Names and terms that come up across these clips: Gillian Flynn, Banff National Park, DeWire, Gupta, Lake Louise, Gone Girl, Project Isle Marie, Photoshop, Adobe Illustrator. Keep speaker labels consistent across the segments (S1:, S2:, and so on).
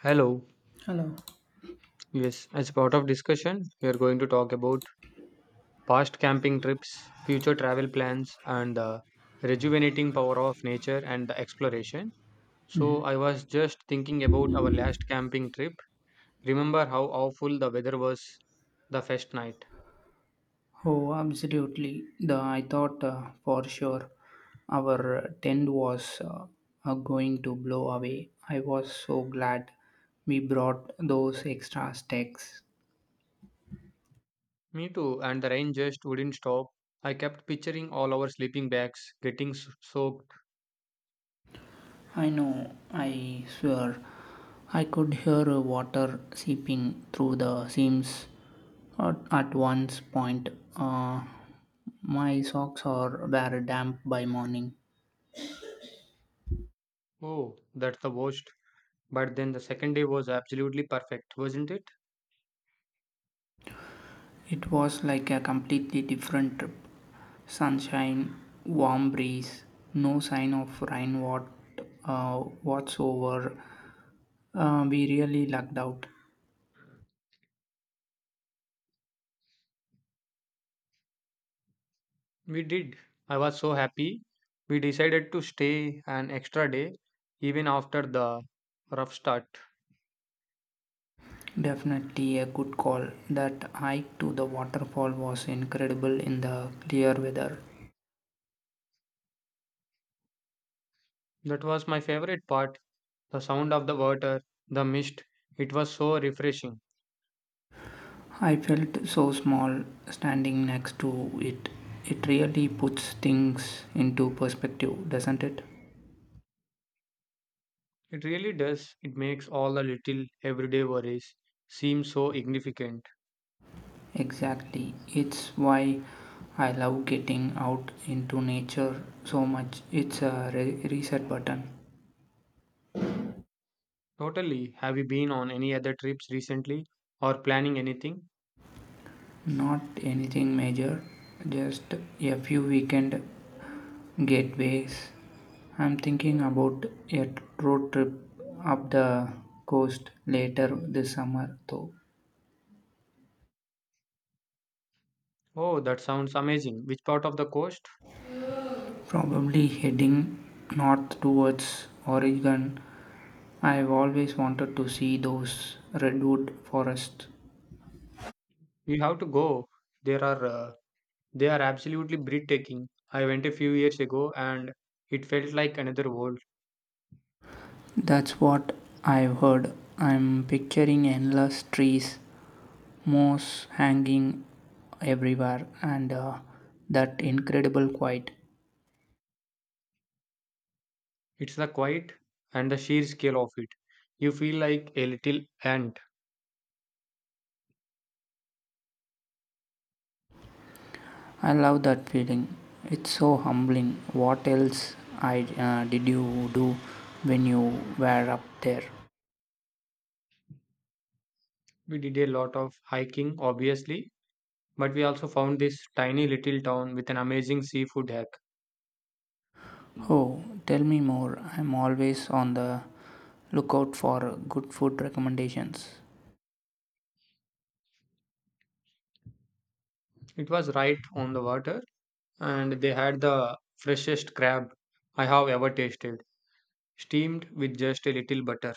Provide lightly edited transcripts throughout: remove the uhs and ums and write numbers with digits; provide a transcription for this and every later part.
S1: Hello.
S2: Hello.
S1: Yes, as part of discussion, we are going to talk about past camping trips, future travel plans, and the rejuvenating power of nature and the exploration. So, I was just thinking about our last camping trip. Remember how awful the weather was the first night?
S2: Oh, absolutely. The I thought for sure our tent was going to blow away. I was so glad we brought those extra sticks.
S1: Me too, and the rain just wouldn't stop. I kept picturing all our sleeping bags getting soaked.
S2: I know, I swear, I could hear water seeping through the seams at one's point. Uh, my socks are were damp by morning.
S1: Oh, that's the worst. But then the second day was absolutely perfect, wasn't it?
S2: It was like a completely different trip. Sunshine, warm breeze, no sign of rain uh, whatsoever. We really lucked out.
S1: We did. I was so happy. We decided to stay an extra day even after the rough start.
S2: Definitely a good call. That hike to the waterfall was incredible in the clear weather.
S1: That was my favorite part, the sound of the water, the mist. It was so refreshing.
S2: I felt so small standing next to it. It really puts things into perspective, doesn't it?
S1: It really does. It makes all the little everyday worries seem so insignificant.
S2: Exactly. It's why I love getting out into nature so much. It's a reset button.
S1: Totally. Have you been on any other trips recently or planning anything?
S2: Not anything major, just a few weekend getaways. I'm thinking about a road trip up the coast later this summer, though.
S1: Oh, that sounds amazing. Which part of the coast?
S2: Probably heading north towards Oregon. I've always wanted to see those redwood forests.
S1: We have to go. There are They are absolutely breathtaking. I went a few years ago and it felt like another world.
S2: That's what I've heard. I'm picturing endless trees, moss hanging everywhere, and that incredible quiet.
S1: It's the quiet and the sheer scale of it. You feel like a little ant.
S2: I love that feeling. It's so humbling. What else did you do when you were up there?
S1: We did a lot of hiking, obviously, but we also found this tiny little town with an amazing seafood hack. Mm.
S2: Oh, tell me more. I'm always on the lookout for good food recommendations.
S1: It was right on the water and they had the freshest crab I have ever tasted, steamed with just a little butter.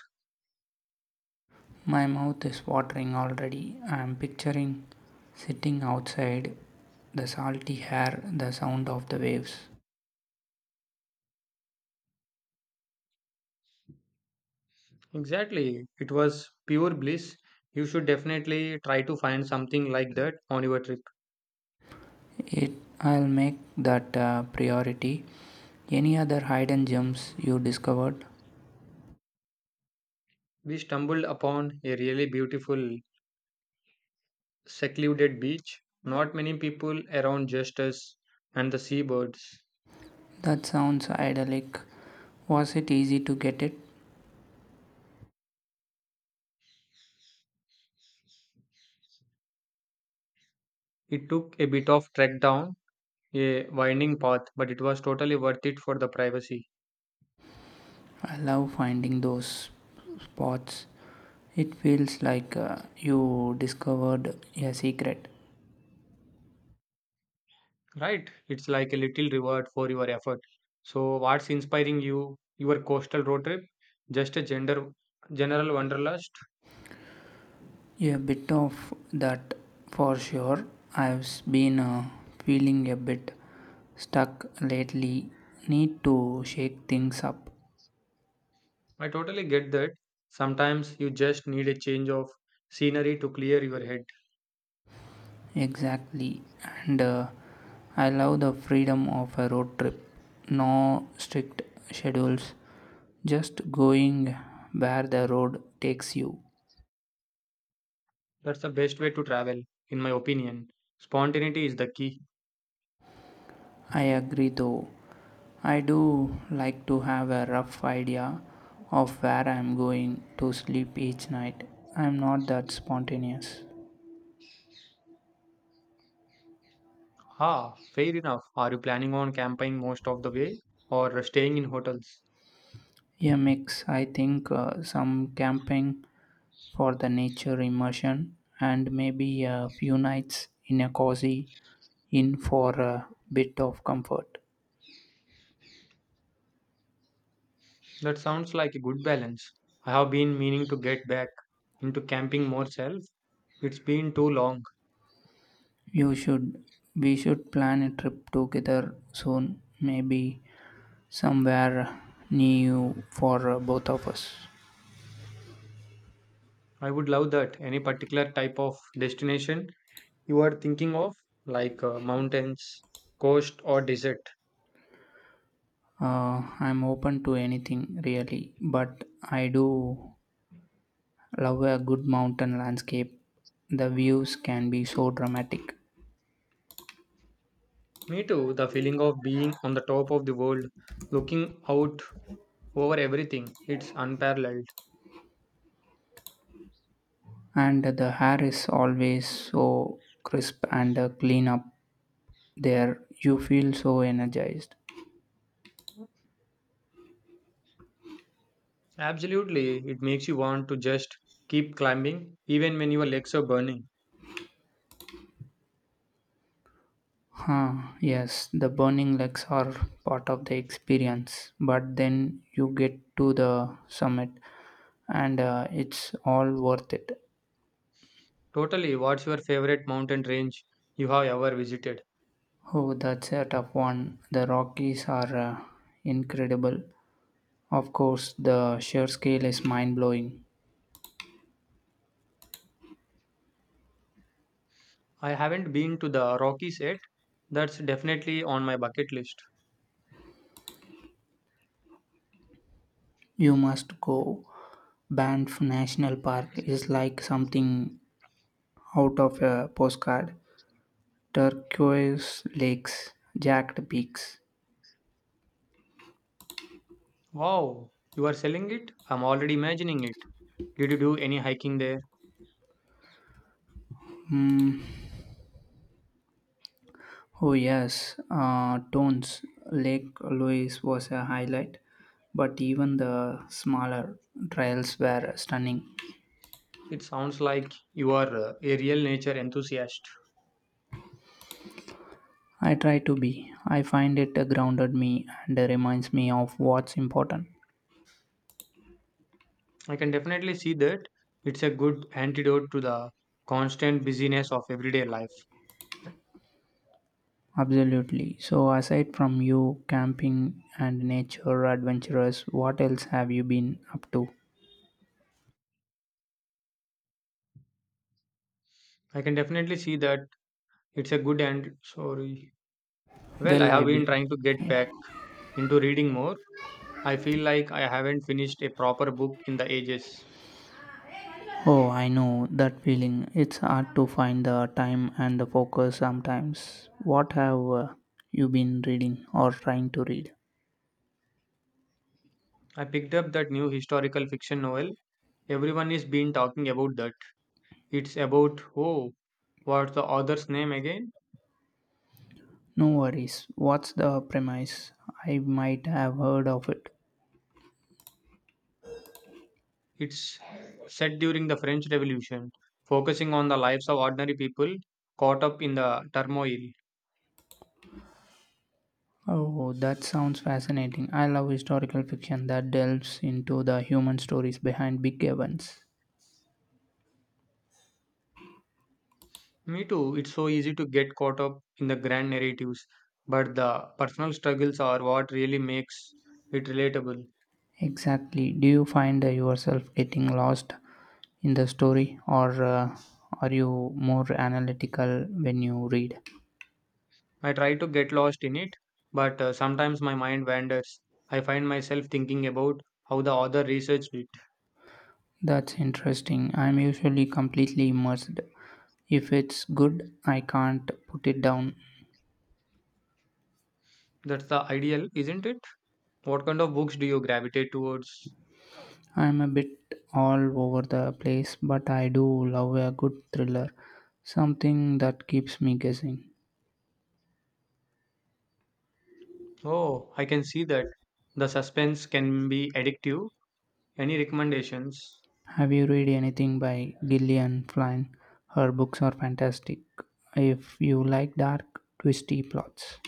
S2: My mouth is watering already. I am picturing sitting outside, the salty air, the sound of the waves.
S1: Exactly. It was pure bliss. You should definitely try to find something like that on your trip.
S2: It I'll make that priority. Any other hidden gems you discovered?
S1: We stumbled upon a really beautiful, secluded beach. Not many people around, just us and the seabirds.
S2: That sounds idyllic. Was it easy to get it?
S1: It took a bit of trek down a winding path, but it was totally worth it for the privacy.
S2: I love finding those spots. It feels like you discovered a secret.
S1: Right? It's like a little reward for your effort. So, what's inspiring you? Your coastal road trip? Just a general wanderlust?
S2: A bit of that for sure. I've been feeling a bit stuck lately. Need to shake things up.
S1: I totally get that. Sometimes you just need a change of scenery to clear your head.
S2: Exactly. And I love the freedom of a road trip. No strict schedules, just going where the road takes you.
S1: That's the best way to travel, in my opinion. Spontaneity is the key.
S2: I agree though. I do like to have a rough idea of where I'm going to sleep each night. I'm not that spontaneous.
S1: Ah, fair enough. Are you planning on camping most of the way or staying in hotels?
S2: A mix, I think, some camping for the nature immersion and maybe a few nights in a cozy inn for a bit of comfort.
S1: That sounds like a good balance. I have been meaning to get back into camping more self. It's been too long.
S2: You should we should plan a trip together soon, maybe somewhere near you for both of us.
S1: I would love that. Any particular type of destination you are thinking of, like mountains, coast, or desert?
S2: I'm open to anything really, but I do love a good mountain landscape. The views can be so dramatic,
S1: Me too, the feeling of being on the top of the world, looking out over everything, it's unparalleled.
S2: and the hair is always so crisp and clean up there. You feel so energized.
S1: Absolutely, it makes you want to just keep climbing even when your legs are burning.
S2: Huh, yes, the burning legs are part of the experience, but then you get to the summit and it's all worth it.
S1: Totally, what's your favorite mountain range you have ever visited?
S2: Oh, that's a tough one. The Rockies are incredible. Of course, the sheer scale is mind blowing.
S1: I haven't been to the Rockies yet. That's definitely on my bucket list.
S2: You must go. Banff National Park is like something out of a postcard. Turquoise lakes, jagged peaks.
S1: Wow, you are selling it? I'm already imagining it. Did you do any hiking there?
S2: Mm. Oh, yes, Tones Lake Louise was a highlight, but even the smaller trails were stunning.
S1: It sounds like you are a real nature enthusiast.
S2: I try to be. I find it grounded me and reminds me of what's important.
S1: I can definitely see that it's a good antidote to the constant busyness of everyday life.
S2: Absolutely. So, aside from you, camping and nature adventurous, what else have you been up to?
S1: I can definitely see that it's a good and sorry. Well, I
S2: Well,
S1: have
S2: I've
S1: been
S2: been.
S1: trying to get back into reading more. I feel like I haven't finished a proper book in the ages.
S2: Oh, I know that feeling. It's hard to find the time and the focus sometimes. What have you been reading or trying to read?
S1: I picked up that new historical fiction novel. Everyone is been talking about that. It's about what's the author's name again?
S2: No worries. What's the premise? I might have heard of it.
S1: It's set during the French Revolution, focusing on the lives of ordinary people caught up in the turmoil.
S2: Oh, that sounds fascinating. I love historical fiction that delves into the human stories behind big events.
S1: Me too. It's so easy to get caught up in the grand narratives, but the personal struggles are what really makes it relatable.
S2: Exactly. Do you find yourself getting lost in the story, or are you more analytical when you read?
S1: I try to get lost in it, but sometimes my mind wanders. I find myself thinking about how the author researched it.
S2: That's interesting. I'm usually completely immersed. If it's good, I can't put it down.
S1: That's the ideal, isn't it? What kind of books do you gravitate towards?
S2: I'm a bit all over the place, but I do love a good thriller, something that keeps me guessing.
S1: Oh, I can see that. The suspense can be addictive. Any recommendations?
S2: Have you read anything by Gillian Flynn? Her books are fantastic. If you like dark, twisty plots,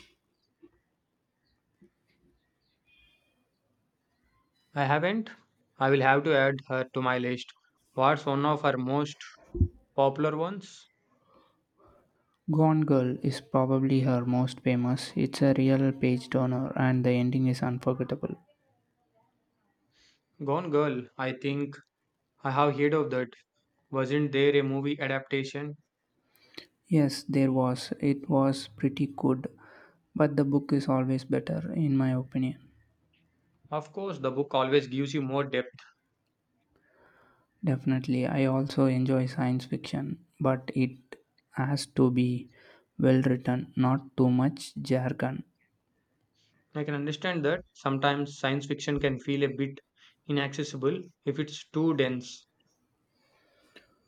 S1: I haven't. I will have to add her to my list. What's one of her most popular ones?
S2: Gone Girl is probably her most famous. It's a real page turner, and the ending is unforgettable.
S1: Gone Girl. I think I have heard of that. Wasn't there a movie adaptation?
S2: Yes, there was. It was pretty good, but the book is always better, in my opinion.
S1: Of course, the book always gives you more depth.
S2: Definitely, I also enjoy science fiction, but it has to be well written, not too much jargon.
S1: I can understand that sometimes science fiction can feel a bit inaccessible if it's too dense.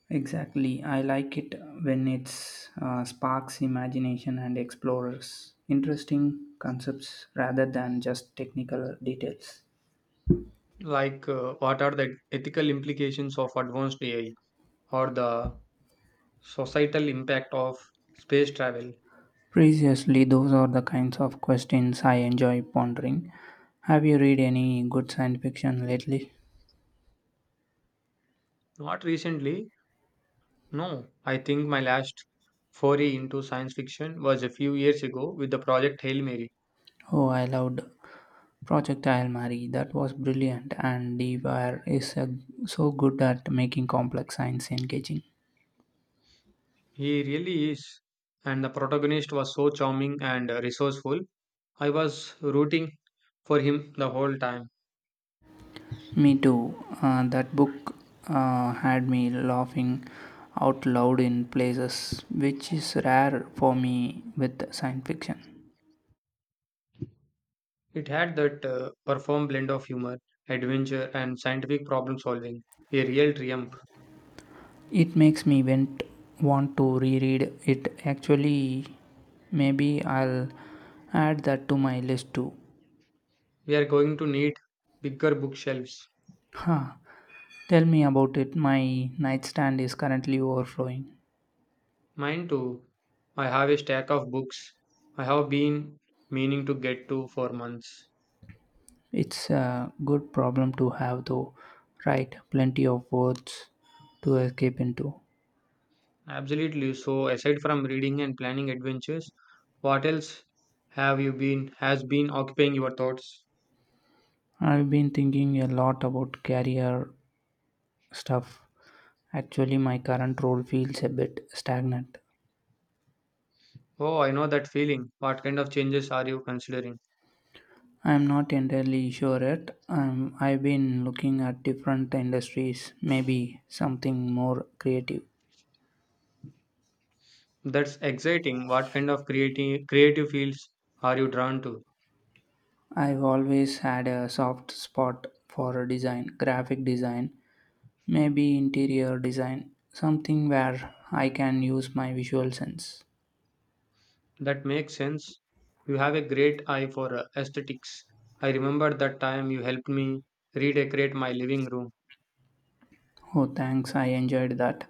S2: Exactly. I like it when it's sparks imagination and explores interesting concepts rather than just technical details.
S1: What are the ethical implications of advanced AI or the societal impact of space travel?
S2: Previously, those are the kinds of questions I enjoy pondering. Have you read any good science fiction lately?
S1: Not recently. No, I think my last foray into science fiction was a few years ago with the project Hail Mary.
S2: Oh, I loved Project Isle Marie. That was brilliant, and DeWire is so good at making complex science engaging.
S1: He really is. And the protagonist was so charming and resourceful. I was rooting for him the whole time.
S2: Me too. That book had me laughing out loud in places, which is rare for me with science fiction.
S1: It had that perform blend of humor, adventure, and scientific problem solving. A real triumph.
S2: It want to reread it. Actually, maybe I'll add that to my list too.
S1: We are going to need bigger bookshelves.
S2: Huh. Tell me about it. My nightstand is currently overflowing.
S1: Mine too. I have a stack of books I have been meaning to get to for months.
S2: It's a good problem to have, though, right? Plenty of words to escape into.
S1: Absolutely. So, aside from reading and planning adventures, what else have you been has been occupying your thoughts?
S2: I've been thinking a lot about career stuff. Actually, my current role feels a bit stagnant.
S1: Oh, I know that feeling. What kind of changes are you considering?
S2: I'm not entirely sure yet. I've been looking at different industries, maybe something more creative.
S1: That's exciting. What kind of creative fields are you drawn to?
S2: I've always had a soft spot for design, graphic design, maybe interior design, something where I can use my visual sense.
S1: That makes sense. You have a great eye for aesthetics. I remember that time you helped me redecorate my living room.
S2: Oh, thanks, I enjoyed that.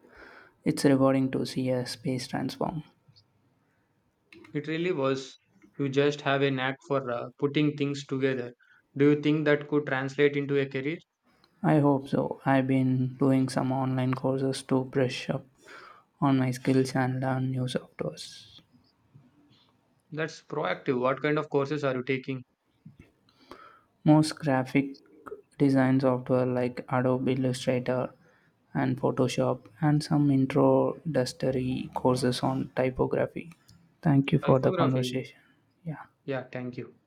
S2: It's rewarding to see a space transform.
S1: It really was. You just have a knack for putting things together. Do you think that could translate into a career?
S2: I hope so. I've been doing some online courses to brush up on my skills and learn new softwares.
S1: That's proactive. What kind of courses are you taking?
S2: Most graphic design software like Adobe Illustrator and Photoshop, and some introductory courses on typography. Thank you for the
S1: Typography.
S2: conversation. Yeah.
S1: Yeah, thank you.